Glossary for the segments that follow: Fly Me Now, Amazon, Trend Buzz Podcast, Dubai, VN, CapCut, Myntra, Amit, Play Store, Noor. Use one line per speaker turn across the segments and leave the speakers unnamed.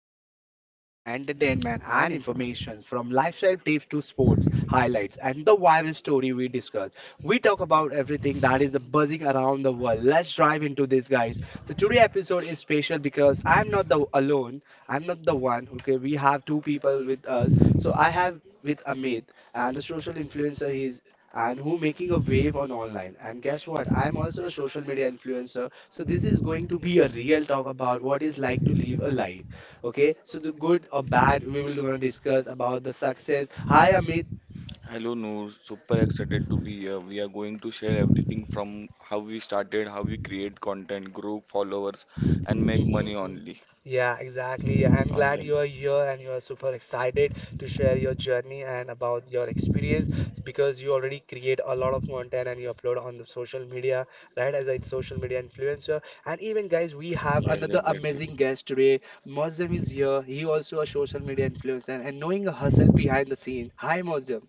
daily dose of trend, entertainment, and information from lifestyle tips to sports highlights and the viral story we discuss. We talk about everything that is the buzzing around the world. Let's dive into this, guys. So today episode is special because I'm not the alone. I'm not the one. Okay, we have two people with us. So I have with Amit and the social influencer he's and who making a wave on online and guess what, I'm also a social media influencer, so this is going to be a real talk about what is like to live a life. Okay, so the good or bad we will gonna discuss about the success. Hi Amit.
Hello Noor, super excited to be here. We are going to share everything from how we started, how we create content, grow followers, and make money
Mm-hmm.
only
Yeah, exactly. I'm glad
online.
you are here and you are super excited to share your journey and about your experience because you already create a lot of content and you upload on the social media, right? As a social media influencer. And even guys, we have
Yes,
another
exactly.
amazing guest today. Mozam is here. He also a social media influencer and knowing a hustle behind the scene. Hi, Mozam.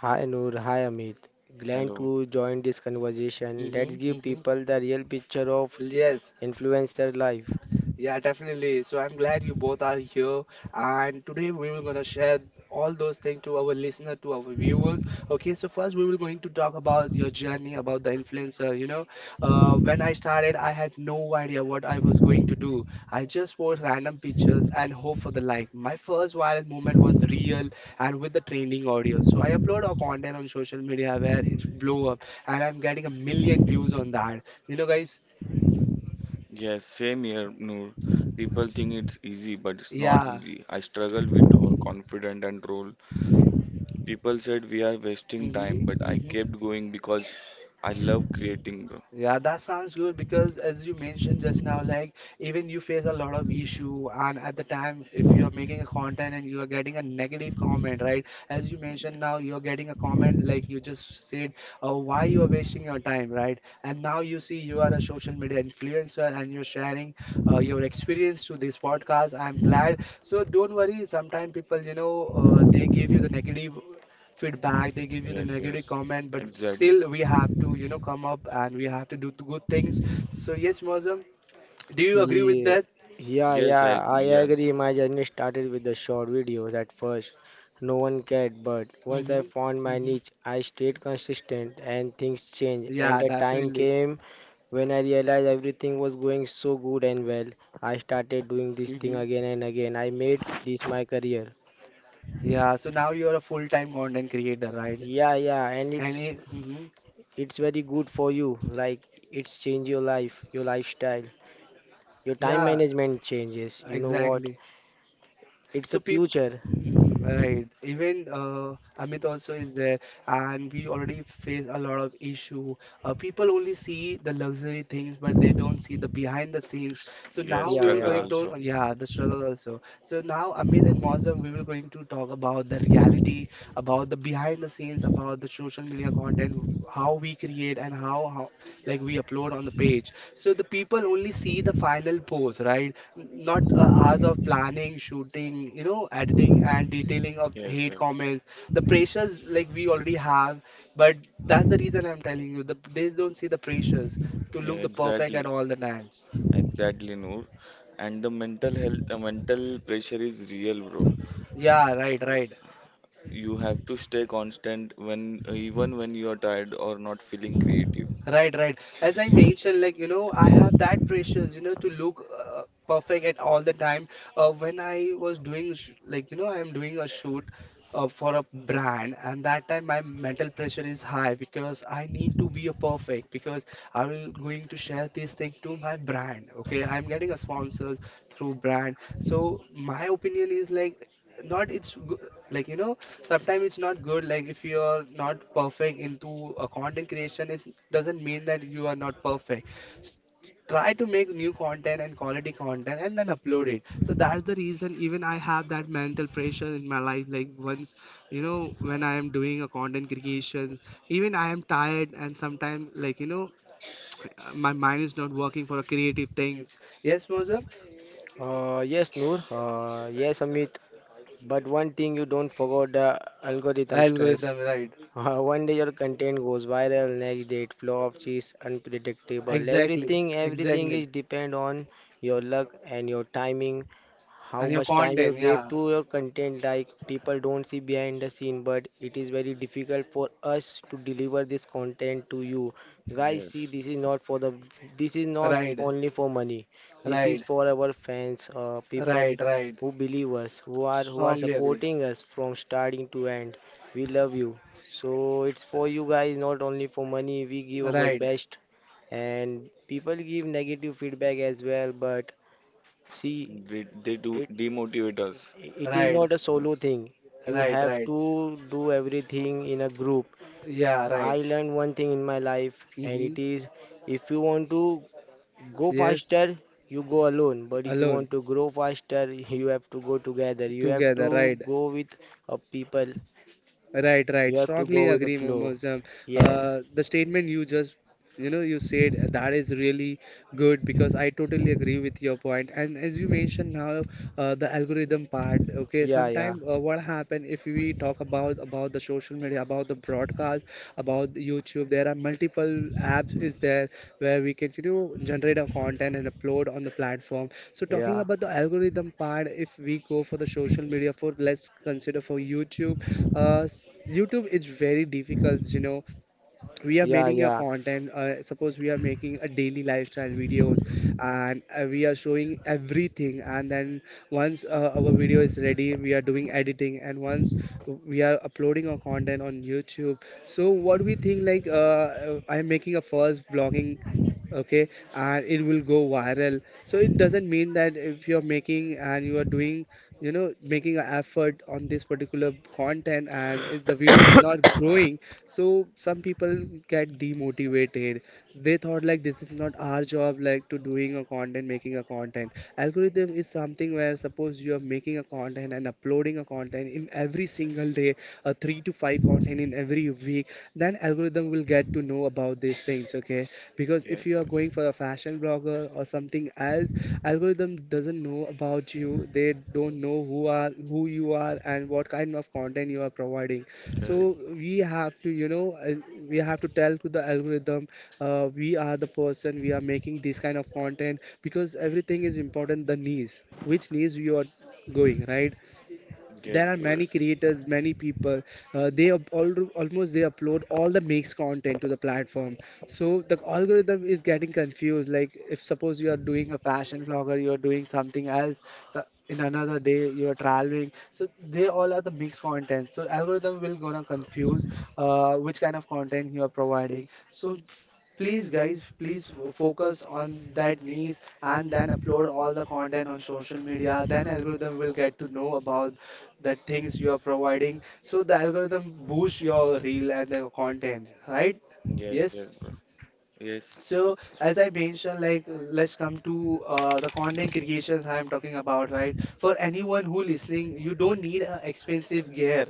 Hi Noor, hi Amit. Glad
Hello.
to join this conversation. Let's
Mm-hmm.
give
Mm-hmm.
people the real picture of
Yes.
influencer life.
Yeah, definitely. So I'm glad you both are here, and today we will gonna share all those things to our listener, to our viewers. Okay, so first we will going to talk about your journey, about the influencer. When I started, I had no idea what I was going to do. I just post random pictures and hope for the like. My first viral moment was real and with the trending audio. So I upload our content on social media where it's blow up, and I'm getting a million views on that. You know, guys.
Yes, same here, Noor. People think it's easy, but it's not
Yeah.
easy. I struggled with confident and role. People said we are wasting
Mm-hmm.
time, but I
Mm-hmm.
kept going because I love creating, bro.
Yeah, that sounds good because as you mentioned just now, like even you face a lot of issue and at the time if you're making a content and you are getting a negative comment, right? As you mentioned now,
Yes,
you're getting a comment like you just said, oh, why you are wasting your time, right? And now you see you are a social media influencer and you're sharing your experience to this podcast. I'm glad. So don't worry, sometimes people, you know, they give you the negative feedback, they give you the
yes,
negative
yes.
comment, but
Exactly.
still we have to, you know, come up and we have to do the good things. So yes, Mozam, do you agree with
Yeah,
that?
yeah,
Yes,
yeah, I
yes,
agree. My journey started with the short videos at first. No one cared, but once I
Mm-hmm.
found my
Mm-hmm.
niche, I stayed consistent and things changed. And
Yeah,
the time
definitely.
came when I realized everything was going so good and well. I started doing this thing
Mm-hmm.
again and again. I made this my career.
Yeah, so now you are a full-time content creator, right?
Yeah, yeah, and
And
it's
it. Mm-hmm.
It's very good for you. Like it's change your life, your lifestyle, your time
Yeah,
management changes. You know what?
exactly.
It's
So
a
people,
future.
right? Even Amit also is there, and we already face a lot of issue. People only see the luxury things, but they don't see the behind the scenes. So now
Yes.
Yeah,
we will
Struggle
going
yeah.
to
also.
yeah the struggle also. So now Amit and Mozam, we will going to talk about the reality, about the behind the scenes, about the social media content, how we create and how like we upload on the page. So the people only see the final post, right? Not hours of planning, shooting, you know, editing and detailing of
Yes,
hate
yes.
comments. The pressures like we already have, but that's the reason I'm telling you. They don't see the pressures to
Yeah,
look the perfect at
exactly.
all the time.
Exactly, Noor. And the mental health, the mental pressure is real, bro.
Yeah, right, right.
You have to stay constant even when you are tired or not feeling creative.
Right, right. As I
Yes,
mentioned, like, you know, I have that pressures, you know, to look perfect at all the time. When I was doing, sh like, you know, I am doing a shoot for a brand, and that time my mental pressure is high because I need to be a perfect because I will going to share this thing to my brand. Okay, I am getting a sponsors through brand. So my opinion is like, not it's good, like, you know, sometimes it's not good, like if you're not perfect into a content creation, it doesn't mean that you are not perfect. S- Try to make new content and quality content and then upload it. So that's the reason even I have that mental pressure in my life, like once, you know, when I am doing a content creation, even I am tired and sometimes, like, you know, my mind is not working for creative things. Yes, Mozam.
Yes, Noor. Yes, Amit. But one thing, you don't forget the algorithm stress.
Algorithm, right?
One day your content goes viral, next day it flops, it's unpredictable.
Exactly,
Everything
exactly.
is depend on your luck and your timing, how
And your
much time you
content,
gave
yeah.
to your content. Like people don't see behind the scene, but it is very difficult for us to deliver this content to you. Guys, see,
yes.
this is not
Right.
only for money. This is
Right,
for our fans, people
right, right.
who believe us, who are
Strongly agree.
supporting us from starting to end. We love you. So it's for you guys, not only for money. We give our
Right,
best, and people give negative feedback as well. But see,
They do
it
demotivate us.
it is
right,
not a
People.
solo thing. You
right,
have
right.
to do everything in a group.
Yeah,
I
right.
learned one thing in my life, and
Mm-hmm.
it is, if you want to go
Yes,
faster, you go alone. But if you
alone,
want to grow faster, you have to go together. You have
together,
to
right.
go with people.
Right, right.
You have to go
Strongly
with the
agree,
flow.
Mozam.
Yes.
The statement you just, you know, you said that is really good because I totally agree with your point. And as you mentioned now, the algorithm part. Okay,
Yeah, yeah,
sometime what happen if we talk about the social media, about the broadcast, about the YouTube? There are multiple apps is there where we can, you know, generate our content and upload on the platform. So talking
yeah,
about the algorithm part, if we go for the social media, for let's consider for YouTube, YouTube is very difficult, you know. We are
yeah,
making a
yeah,
content. Suppose we are making a daily lifestyle videos, and we are showing everything. And then once our video is ready, we are doing editing. And once we are uploading our content on YouTube, so what we think like I'm making a first vlogging, okay, and it will go viral. So it doesn't mean that if you're making and you are doing, you know, making an effort on this particular content and the video is not growing, so some people get demotivated. They thought like this is not our job, like to doing a content, making a content. Algorithm is something where, suppose you are making a content and uploading a content in every single day, a 3 to 5 content in every week, then algorithm will get to know about these things, okay, because if
Yes,
you are going
yes.
for a fashion blogger or something else, algorithm doesn't know about you. They don't know who are who you are and what kind of content you are providing.
Correct.
So we have to, you know, we have to tell to the algorithm we are the person, we are making this kind of content, because everything is important, the niche, which niche you are going, right? There
Yes,
are
bro.
many
Yes,
creators, many people, almost they upload all the makes content to the platform. So the algorithm is getting confused, like if suppose you are doing a fashion vlogger, you are doing something else, so in another day you are traveling, so they all are the mixed content. So algorithm will gonna confuse which kind of content you are providing. So please guys, please focus on that niche and then upload all the content on social media. Then algorithm will get to know about that things you are providing. So the algorithm boosts your reel and the content, right?
yes,
Yes.
yes, bro. Yes,
So
it's
as I mentioned, like, let's come to the content creations I am talking about, right? For anyone who listening, you don't need a expensive gear.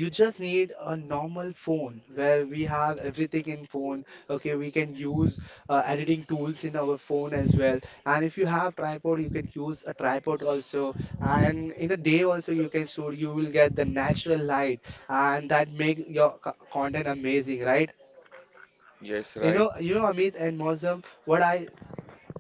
You just need a normal phone where we have everything in phone. Okay, we can use editing tools in our phone as well, and if you have tripod, you can use a tripod also. And in a day also you can shoot, you will get the natural light, and that make your content amazing, right?
yes,
You know,
right.
you know, Amit and Mosam, what I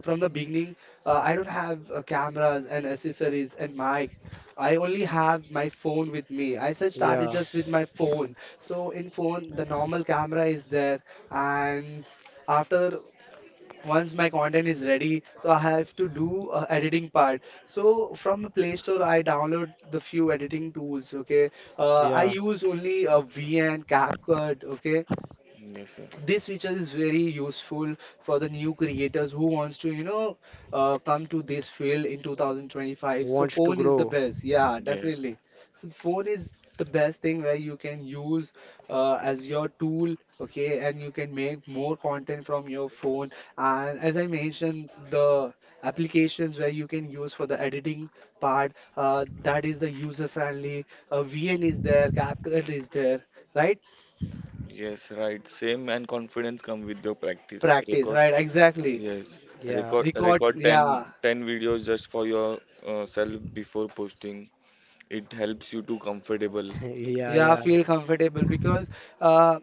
from the beginning, I don't have cameras and accessories and mic. I only have my phone with me. I just started
yeah,
just with my phone. So in phone, the normal camera is there, and after once my content is ready, so I have to do editing part. So from Play Store, I download the few editing tools. Okay, I
yeah.
use only VN, CapCut. Okay,
Yes, yes.
this feature is very useful for the new creators who wants to, you know, come to this field in 2025. So
Wants to
phone is the
grow.
best. Yeah,
Yes,
definitely. So phone is the best thing where you can use as your tool. Okay, and you can make more content from your phone. And as I mentioned, the applications where you can use for the editing part, that is the user friendly. VN is there, CapCut is there, right?
yes, right. Same, and confidence come with your practice.
Practice,
Record
right, exactly.
Yes,
Yeah,
record
Record,
record ten
yeah,
ten videos just for your self before posting. It helps you to comfortable.
yeah,
Uh,
yeah,
yeah,
feel comfortable because uh,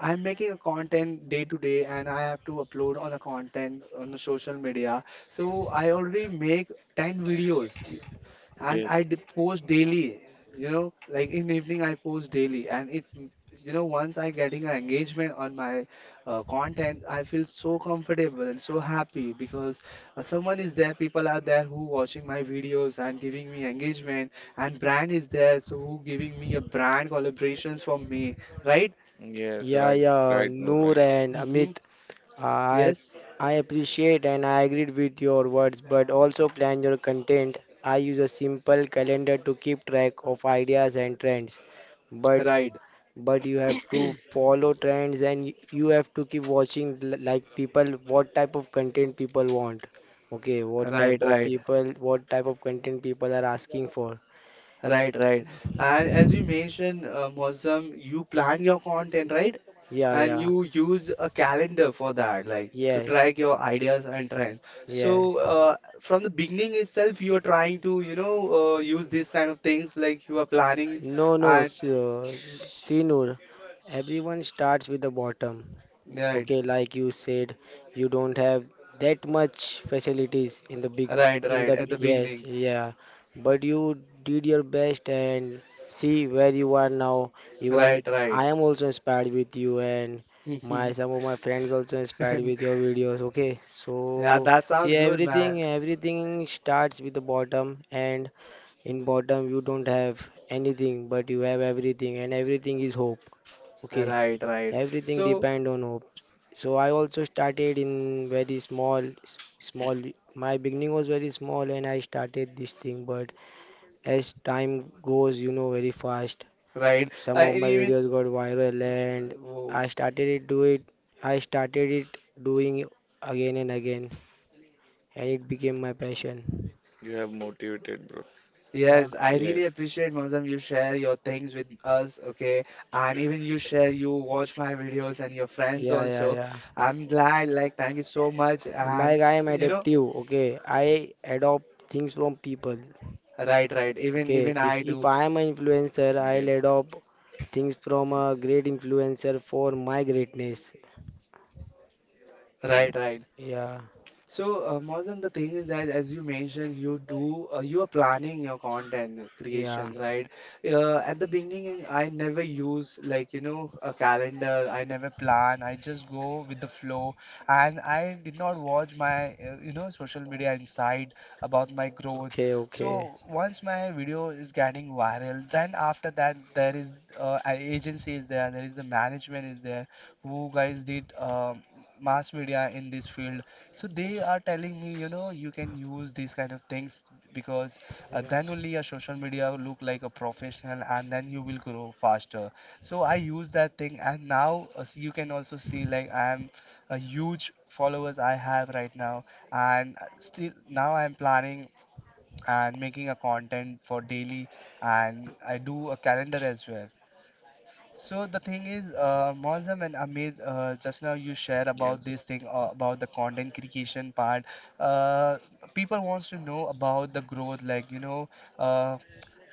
I'm making a content day to day and I have to upload on a content on the social media. So I already make 10 videos and
Yes,
post daily. You know, like in evening I post daily, and once I getting an engagement on my content, I feel so comfortable and so happy because someone is there, people are there who watching my videos and giving me engagement, and brand is there, so who giving me a brand collaborations for me, right?
yes,
yeah,
right,
yeah.
right, no,
Noor
right.
and
Mm-hmm.
Amit, I
Yes,
I appreciate and I agreed with your words, but also plan your content. I use a simple calendar to keep track of ideas and trends, but
right,
you have to follow trends, and you have to keep watching, like, people, what type of content people want. Okay,
right, right.
what type of content people are asking for.
Right, right. And as you mentioned, Mozam, you plan your content, right?
Yeah,
And
yeah,
you use a calendar for that, like to
yes,
track your ideas and trends.
yeah,
So, from the beginning itself, you're trying to, use these kind of things, like you are planning
no, no.
and
So, see, Noor, everyone starts with the bottom.
right,
Okay, like you said, you don't have that much facilities in the big,
right, right, at the
yes,
beginning.
yeah. But you did your best, and see where you are now. Even
Right, right.
I am also inspired with you, and my some of my friends also inspired with your videos. Okay,
Yeah,
so
that
see,
sounds good, man.
everything starts with the bottom, and in bottom you don't have anything, but you have everything, and everything is hope. Okay.
Right, right.
Everything
So,
depend on hope. So I also started in very small, small. My beginning was very small, and I started this thing. But as time goes, you know, very fast.
right.
Some of
And
my
even,
videos got viral, and
whoa.
I started it do it. I started it doing it again and again, and it became my passion.
You have motivated, bro.
Yeah,
Yes, I really
Yes,
appreciate Mozam you share your things with us, okay? And even you share you watch my videos and your friends
yeah, yeah,
also.
yeah.
I'm glad like thank you so much and
Like, I am
you know
adaptive. Okay, I adopt things from people.
right right even
Okay,
even
if
I
if
do
I am an influencer, I'll
yes,
adopt things from a great influencer for my greatness.
right
yes, yes,
right
Yeah,
So, Mausam, the thing is that as you mentioned, you do you are planning your content
yeah.
creations, right? At the beginning, I never use like you know a calendar. I never plan. I just go with the flow, and I did not watch my you know social media inside about my growth.
Okay, okay.
So once my video is getting viral, then after that there is agency is there, there is the management is there who guys did mass media in this field so they are telling me, you know, you can use these kind of things because
Yeah.
then only your social media will look like a professional and then you will grow faster. So I use that thing and now you can also see like I am a huge followers I have right now and still now I am planning and making a content for daily and I do a calendar as well. So the thing is, Mozam and Amit, just now you shared about
yes.
this thing about the content creation part. Uh, People wants to know about the growth, like you know, uh,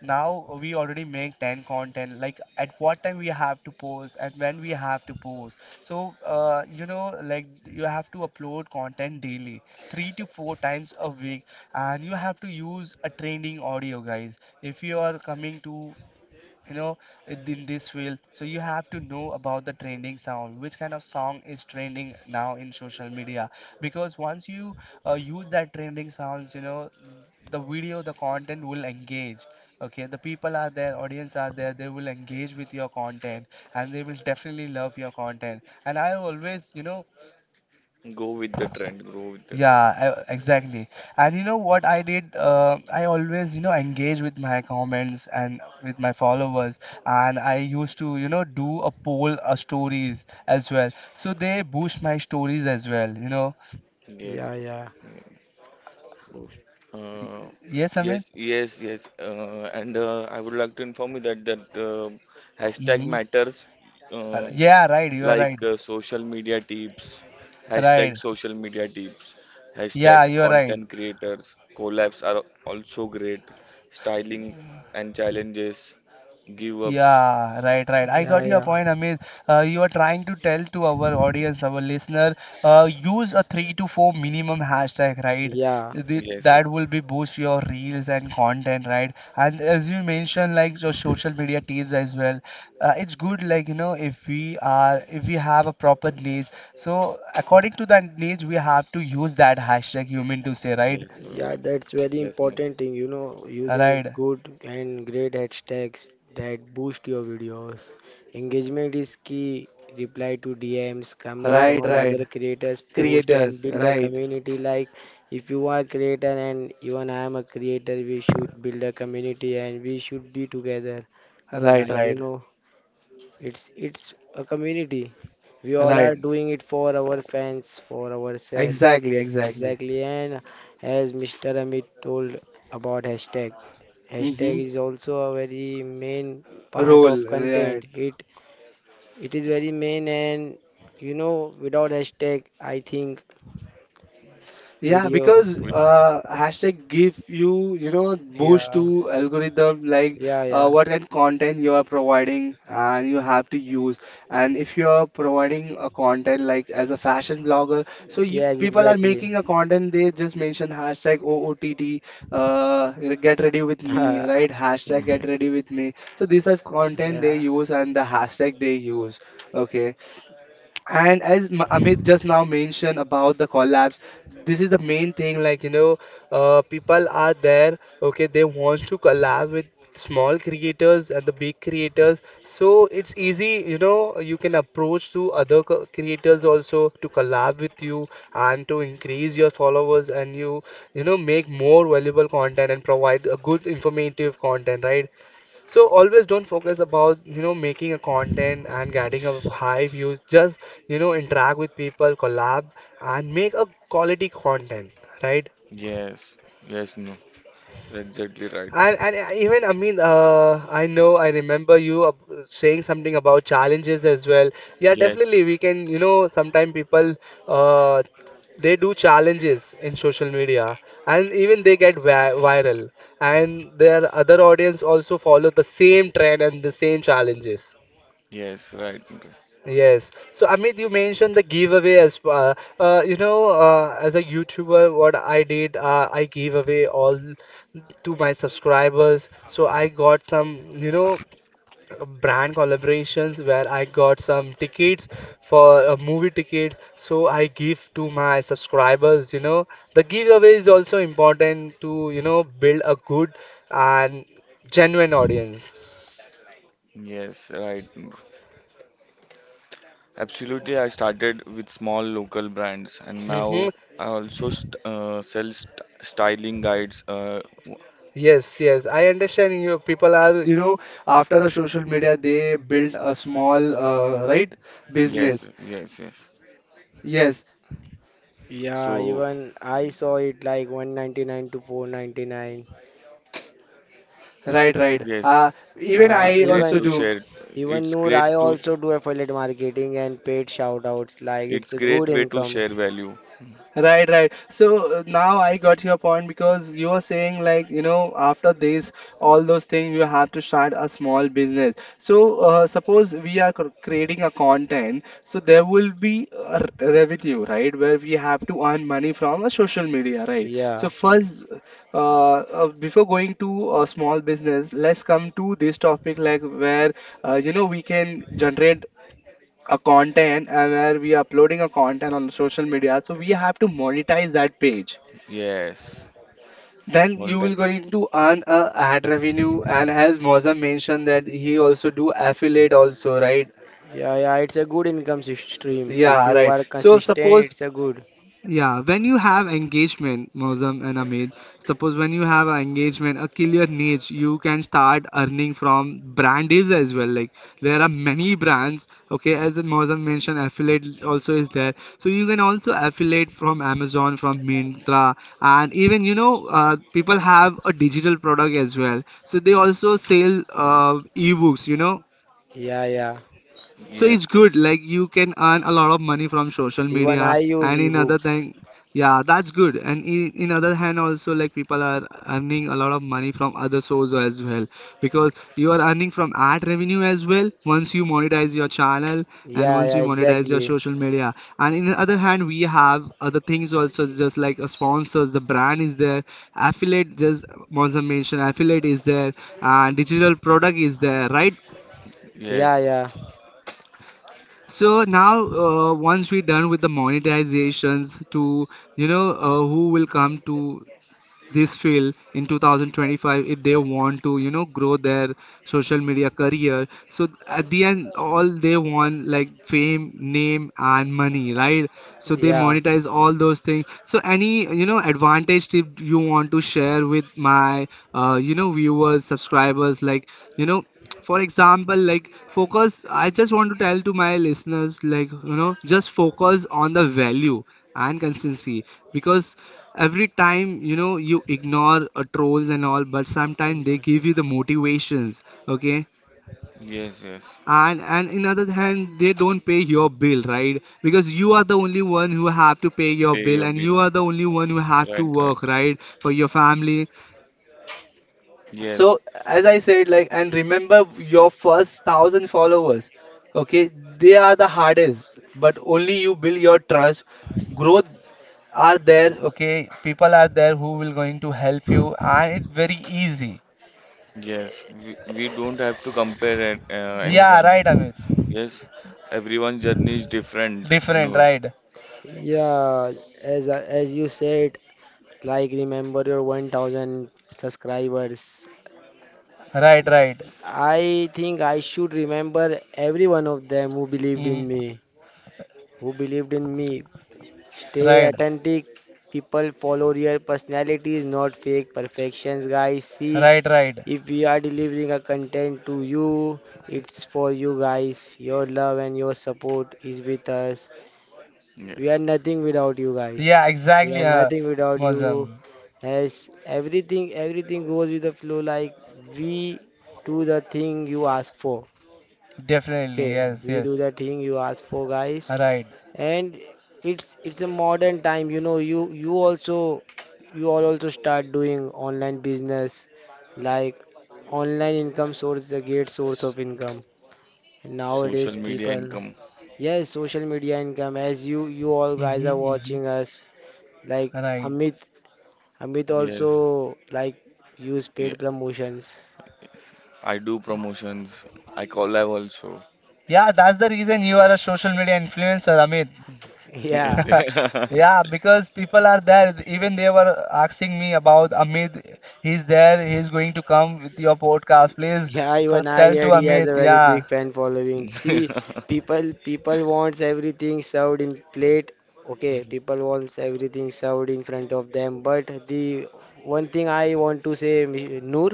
now we already make 10 content. Like at what time we have to post and when we have to post. So, you know, like you have to upload content daily, three to four times a week, and you have to use a trending audio, guys. If you are coming to you know in this field so you have to know about the trending sound which kind of song is trending now in social media because once you use that trending sounds you know the video the content will engage, okay, the people are there audience are there they will engage with your content and they will definitely love your content and I always you know
Go with the trend. Go with the trend.
yeah, I, exactly. And you know what I did? I always, you know, engage with my comments and with my followers, and I used to, you know, do a poll, stories as well. So they boost my stories as well, you know.
Yes,
Yeah,
bro.
yeah.
Yeah, boost.
Y-
Uh,
Yes, I
yes,
mean,
yes, yes. And I would like to inform you that that hashtag
mm-hmm.
matters. Uh,
Yeah, right. You are right.
like social media tips, hashtag
Right.
social media tips, hashtag
Yeah, you are right.
content creators, collabs are also great, styling and challenges, give ups.
Yeah, right, right. I
Yeah,
Yeah.
got your
yeah.
point, Amit. You are trying to tell to our audience, our listener, use a three to four minimum hashtag, right?
Yeah.
The,
Yes,
that
yes,
will be boost your reels and content, right? And as you mentioned, like your social media tips as well. It's good, like you know, if we are if we have a proper niche. So according to that niche, we have to use that hashtag. You mean to say, right?
yes, bro,
Yeah,
yes,
that's very
yes, no,
important thing, you know, using
Right,
good and great hashtags that boost your videos. Engagement is key. Reply to DMs, comment
right,
on
right.
other creators' post, and
Creators,
build a
right,
community. Like, if you are a creator, and even I am a creator, we should build a community and we should be together.
right,
Like, you
right,
know, it's a community. We all
right.
are doing it for our fans, for ourselves.
Exactly, exactly.
Exactly. And as Mr. Amit told about hashtag,
Mm-hmm.
hashtag is also a very main part of
Role, right.
content. It is very main, and you know, without hashtag I think
Yeah,
video.
because
we,
hashtag give you, you know, boost
Yeah,
to algorithm like
yeah, yeah,
what kind of content you are providing and you have to use. And if you are providing a content like as a fashion blogger, so you
yes,
people are
exactly.
making a content, they just mention hashtag OOTT. uh, get ready with me, right? Hashtag get ready
yes,
with me. So these are content they
Yeah.
use and the hashtag they use. Okay. And as Amit just now mentioned about the collabs, this is the main thing. Like, you know, people are there, okay, they want to collab with small creators and the big creators. So it's easy, you know, you can approach to other creators also to collab with you and to increase your followers and you know, make more valuable content and provide a good informative content, right? So always don't focus about, you know, making a content and getting a high views. Just, you know, interact with people, collab, and make a quality content, right?
yes, yes, no, you're exactly right.
And even I mean, I know I remember you saying something about challenges as well. Yeah,
Yes,
definitely we can, you know, sometimes people uh, they do challenges in social media and even they get viral and their other audience also follow the same trend and the same challenges.
yes, right, right.
Yes. So Amit, you mentioned the giveaway as well. You know, as a YouTuber, what I did, I gave away all to my subscribers. So I got some, you know, brand collaborations where I got some tickets for a movie ticket. So I give to my subscribers. You know, the giveaway is also important to, you know, build a good and genuine audience.
Yes, right. Absolutely, I started with small local brands, and
Hmm.
now I also st sell st styling guides.
Yes, yes, I understand you. People are, you know, after a social media, they build a small, right,
Yes,
business.
yes, yes.
Yes,
Yeah,
So,
even I saw it like 199 to 499.
right, right.
yes,
Even
it's
I
great
also
to
Even,
do.
share. It's
Noor,
great
I
to,
also do affiliate marketing and paid shout outs. Like, it's
it's
a
great
good
way to
income.
share value.
Right, right. So, now I got your point because you are saying like, you know, after this, all those things, you have to start a small business. So suppose we are creating a content, so there will be a revenue, right, where we have to earn money from a social media, right?
Yeah.
So
Yes,
first, before going to a small business, let's come to this topic like where you know we can generate a content where we are uploading a content on social media so we have to monetize that page
yes,
then you will
monetize.
going to earn a ad revenue and as Mozam mentioned that he also do affiliate also right
Yeah, yeah, it's a good income stream. If
yeah
you
right
are
so
consistent,
suppose.
it's a good.
Yeah, when you have engagement, Mozam and Amit, suppose when you have an engagement, a clear niche, you can start earning from brand deals as well. Like there are many brands, okay, as Mozam mentioned, affiliate also is there. So you can also affiliate from Amazon, from Myntra, and even you know, people have a digital product as well. So they also sell ebooks, you know,
Yeah, yeah.
so it's
Yes,
good.
yes,
Like you can earn a lot of money from social
Even
media
I use
and in other
ebooks.
thing, yeah, that's good. And in other hand also like people are earning a lot of money from other sources as well because you are earning from ad revenue as well once you monetize your channel and
Yeah,
once
yeah,
you monetize your
exactly.
social media. And in the other hand, we have other things also just like sponsors, the brand is there, affiliate just Monza mentioned affiliate is there, and digital product is there, right?
Yeah,
yes,
yeah.
So now, once we're done with the monetizations to, you know, who will come to this field in 2025 if they want to you know grow their social media career so at the end all they want like fame name and money right so they
Yeah.
monetize all those things so any you know advantage tip you want to share with my you know viewers subscribers like you know for example like focus I just want to tell to my listeners like you know just focus on the value and consistency because every time, you know, you ignore trolls and all, but sometimes they give you the motivations, okay?
yes, yes.
And in other hand, they don't pay your bill, right? Because you are the only one who have to pay your
Pay
bill,
your
and you
bill.
are the only one who have to
Right, right.
work, right, for your family.
Yes,
So, as I said, like, and remember your first 1,000 followers, okay? They are the hardest, but only you build your trust. Growth are there, okay? People are there who will going to help you, and it's very easy.
yes. We don't have to compare
Yeah,
anyone.
right, Amit.
Yes, everyone's journey is different,
Different,
Noor.
right?
Yeah, as you said, like, remember your 1,000 subscribers.
Right, right.
I think I should remember every one of them who believed in
Mm,
me, who believed in me. Stay
right,
authentic. People follow real personalities, not fake perfections, guys. See,
right, right.
if we are delivering a content to you, it's for you guys. Your love and your support is with us. We are
Yes.
nothing without you
Yeah,
guys. We are
exactly,
nothing without you.
Mozam.
As everything goes with the flow. Like, we do the thing you ask for.
Definitely,
Okay,
yes,
we do
yes.
the thing you ask for, guys,
Right.
and it's a modern time. You know, you all also start doing online business, like online income source, the great source of income. And
Social
nowadays,
media
people,
income.
yes, social media income. As you all guys
Mm-hmm,
are
mm-hmm.
watching us, like,
Right.
Amit, Amit also,
Yes.
like, use paid
Yes.
promotions.
Yes. I do promotions. I collab also.
Yeah, that's the reason you are a social media influencer, Amit.
Yes.
Yeah.
Yeah, because people are there. Even they were asking me about Amit. He's there. He's going to come with your podcast. Please
Yeah, even I
tell to
heard he has
Amit.
a very
Yeah.
big fan following. See, people wants everything served in plate. Okay, people wants everything served in front of them. But the one thing I want to say, Noor,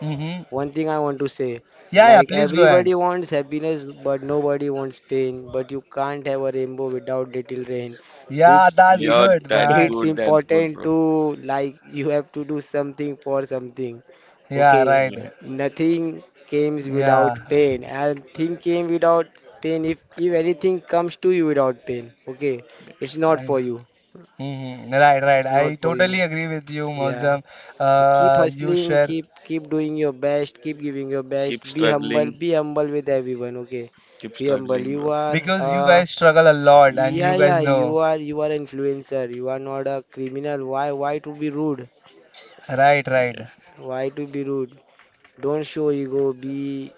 Mm-hmm.
one thing I want to say,
Yeah, yeah.
like,
Please go ahead.
everybody wants happiness, but nobody wants pain. But you can't have a rainbow without little rain.
Yeah,
It's
that's
Yeah,
it's
good,
that's
man.
it's
good. That's good,
important
bro.
to, like, you have to do something for something.
Yeah,
Okay,
right.
Yeah.
nothing comes
Yeah.
without pain, and thing came without pain. If anything comes to you without pain, okay,
Yes.
it's not for
Mm-hmm.
you.
Right, right.
It's not
I
for
totally
you.
agree with you,
Yeah.
Mozam.
Keep
You
hustling,
share
keep doing your best, keep giving your best.
Keep struggling.
Be humble with everyone, okay?
Keep
Be humble.
struggling,
You
bro.
are,
because you guys struggle a lot,
Yeah.
and
yeah,
you guys
yeah, you
know.
are you are influencer. You are not a criminal. Why to be rude?
Right, right.
Yes.
Why to be rude? Don't show ego. Be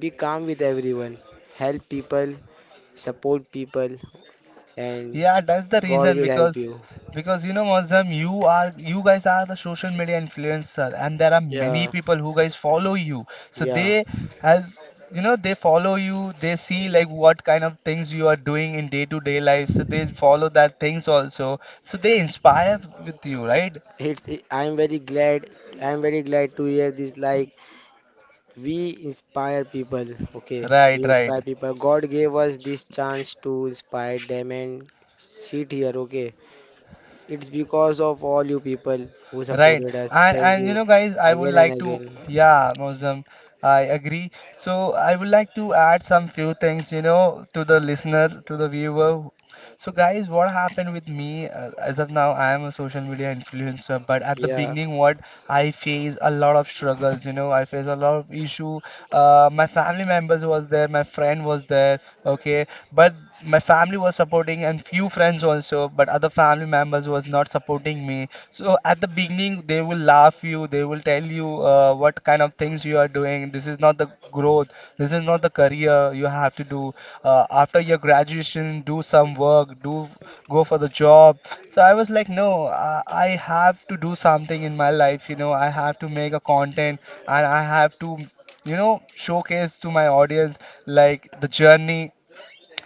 be calm with everyone. Help people, support people, and
Yeah, that's the
God
reason
will help
because
you.
because you know Muslim, you guys are the social media influencer and there are many
Yeah,
people who guys follow you. So
yeah.
they as you know they follow you, they see like what kind of things you are doing in day to day life. So they follow that things also. So they inspire with you, right?
I'm very glad. I'm very glad to hear this. Like, we inspire people, okay? We
Right,
inspire
right.
people. God gave us this chance to inspire them and sit here, okay? It's because of all you people who
Right.
supported us.
And
Thank
and you
you
know guys, I would
again and
like to
again.
yeah, Mosam, I agree. So I would like to add some few things, you know, to the listener, to the viewer. So guys, what happened with me as of now, I am a social media influencer, but at the
Yeah,
beginning what I face a lot of struggles, you know, I face a lot of issue. My family members was there, my friend was there, okay. But my family was supporting and few friends also, but other family members was not supporting me. So at the beginning, they will laugh you, they will tell you what kind of things you are doing. This is not the growth. This is not the career you have to do. After your graduation, do some work, do go for the job. So I was like, no, I have to do something in my life. You know, I have to make a content and I have to, you know, showcase to my audience like the journey,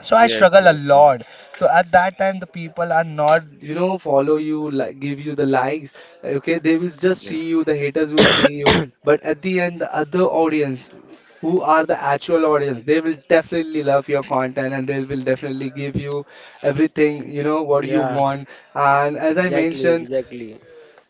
so I
Yes,
struggle a
yes, Noor.
lot. So at that time the people are not, you know, follow you like give you the likes, okay, they will just see
Yes.
you, the haters will see you. But at the end the other audience, who are the actual audience, they will definitely love your content and they will definitely give you everything, you know, what you
yeah,
want. And
exactly, exactly.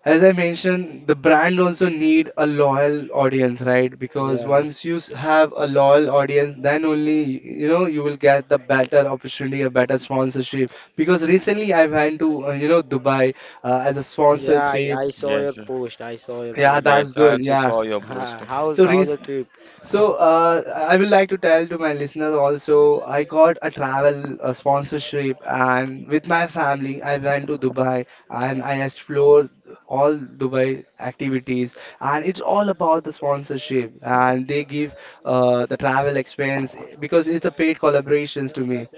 as I mentioned, the brand also need a loyal audience, right? Because
Yeah,
once you have a loyal audience, then only you know you will get the better opportunity, a better sponsorship. Because recently I went to you know Dubai as a sponsor
yeah, I,
trip.
I saw your
Yes.
post. I saw your
Yeah,
post.
that's
Yes. I
good.
also
Yeah.
saw your post.
Ha, How's,
So re
how's the trip?
so I would like to tell to my listener also, I got a travel sponsorship and with my family, I went to Dubai and I explored all Dubai activities, and it's all about the sponsorship and they give the travel expense because it's a paid collaborations to me.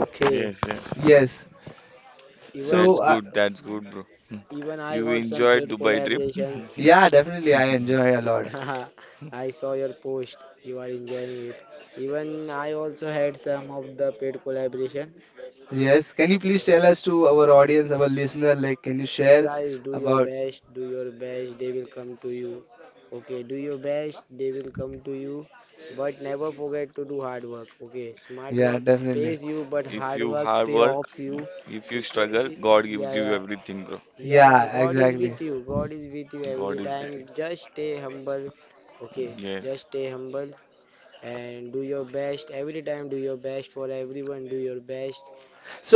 Okay.
Yes, yes.
Yes.
Even,
That's
So uh,
good. That's good, bro.
even I
You
got some
enjoyed
paid
Dubai trip.
collaborations.
yeah, definitely I enjoy a lot.
I saw your post. You are enjoying it. Even I also had some of the paid collaborations.
Yes. Can you please tell us to our audience, our listener, like can you
See,
share
guys, do your
about?
best. Do your best. They will come to you. Okay, do your best. They will come to you. But never forget to do hard work. Okay, smart
Yeah,
work
definitely.
pays you, but
If
hard
you
work
hard
pay
work,
offs you.
if you struggle, God gives
Yeah,
you
yeah.
everything, bro.
Yeah, yeah,
Yeah,
God is
exactly.
with you. God is with you every
God is with
time.
you.
Just stay humble. Okay,
Yes.
just stay humble, and do your best every time. Do your best for everyone. Do your best,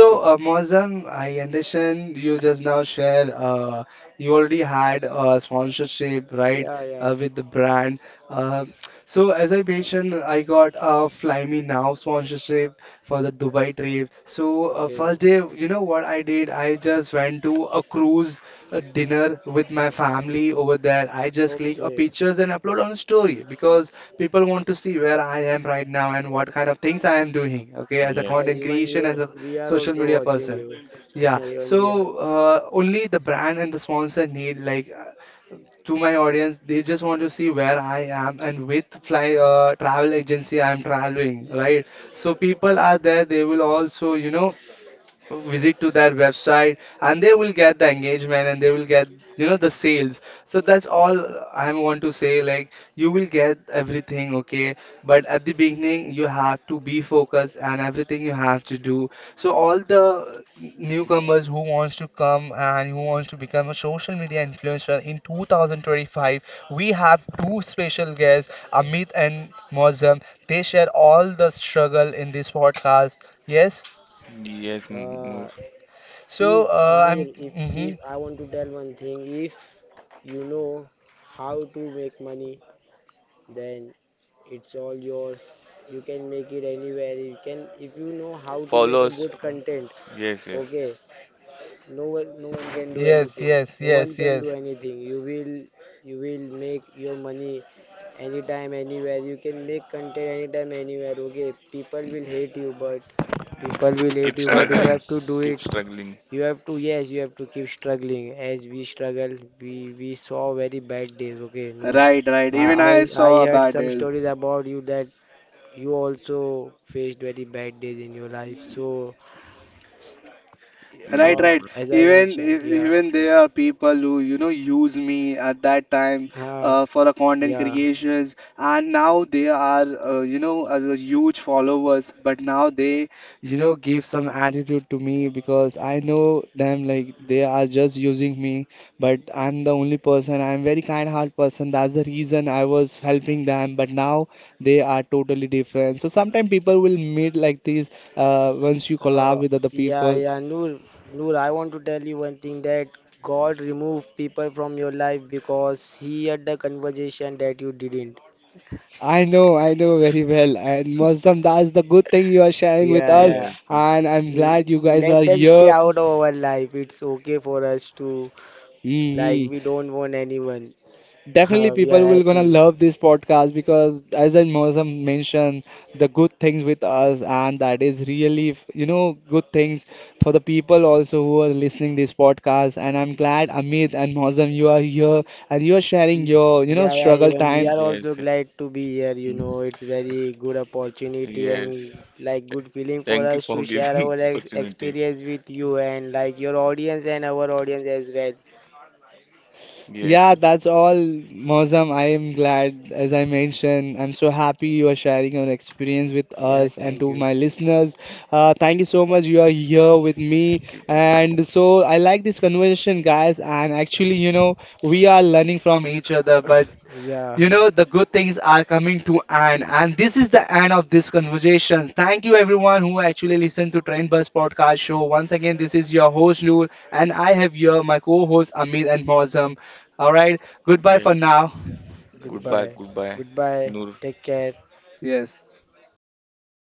okay?
Mozam, I understand you just now share you already had a sponsorship, right,
Yeah, yeah.
with the brand. Uh, so, as I mentioned, I got a Fly Me Now sponsorship for the Dubai trip. So
Okay,
first day, you know what I did? I just went to a cruise dinner with my family over there. I just click a
okay.
pictures and upload on story because people want to see where I am right now and what kind of things I am doing. Okay, as a
Hi,
Yes.
content
even
creation, as
even
a
we are
social
also
media
watching
person.
you.
Yeah,
Even we are
so
also,
only the brand and the sponsor need like to my audience, they just want to see where I am and with fly travel agency I am traveling, right? So people are there, they will also, you know, visit to their website and they will get the engagement and they will get, you know, the sales. So that's all I want to say, like you will get everything, okay? But at the beginning you have to be focused and everything you have to do. So all the newcomers who wants to come and who wants to become a social media influencer in 2025, we have two special guests, Amit and Mozam. They share all the struggle in this podcast. Yes.
Yes,
uh,
Noor.
so
see, Noor,
I'm.
if
Mhm.
I want to tell one thing, if you know how to make money, then it's all yours. You can make it anywhere. You can, if you know how to make
Follow
a
us.
good content,
Yes, yes.
okay, no one can do
Yes,
anything.
yes,
No one
yes,
can
yes.
do anything. You will make your money anytime, anywhere. You can make content anytime, anywhere, okay? People will hate you, but people will hate
Keep
you, but you
struggling.
have to do
Keep
it.
struggling.
You have to, yes, you have to keep struggling. As we struggle, we saw very bad days, okay, Noor.
Right, right.
I
Even
I
I
I
saw
heard
about
some
it.
stories about you that you also faced very bad days in your life. So,
Right,
Yes,
uh,
right.
bro.
as I
Even
mentioned, yeah.
even there are people who, you know, use me at that time
uh,
for a content
Yeah.
creations, and now they are, you know, huge followers. But now they, you know, give some attitude to me because I know them like they are just using me. But I'm the only person. I'm very kind-hearted person. That's the reason I was helping them. But now they are totally different. So sometimes people will meet like these once you
Uh,
collab with other
yeah,
people.
yeah, Noor, I want to tell you one thing, that God removed people from your life because He had the conversation that you didn't.
I know very well. And Moazzam, that's the good thing you are sharing with
Yeah,
us.
yeah.
Yes.
And I'm glad you guys are
Let them stay
here.
out of our life. It's okay for us to, like,
Hmm.
we don't want anyone.
Definitely
We are
people will gonna
happy.
love this podcast because as I Moazzam mentioned, the good things with us and that is really, you know, good things for the people also who are listening this podcast. And I'm glad Amit and Moazzam, you are here and you are sharing
Y-
your, you know,
Yeah, yeah,
struggle
even we
times.
are also
Yes.
glad to be here. You know, it's very good opportunity
Yes.
and like
Th-
good feeling for
Thank you
us to
for
share
giving
our ex
opportunity.
experience with you and like your audience and our audience as well.
Yes,
Yeah,
yes.
that's all, Mozam. I am glad, as I mentioned, I'm so happy you are sharing your experience with
Yeah,
us and
thank
to
you.
my listeners. Thank you so much. You are here with me,
Thank you. Thank
and so I like this conversation, guys. And actually, you know, we are learning from each other, but
Yeah,
you know, the good things are coming to an and this is the end of this conversation. Thank you everyone who actually listened to Trend Bus podcast show. Once again, this is your host Noor and I have here my co-host Amit and Mozam. All right,
you.
goodbye for
Yes.
now.
goodbye.
Goodbye, goodbye,
Goodbye.
Noor.
Take care.
Yes.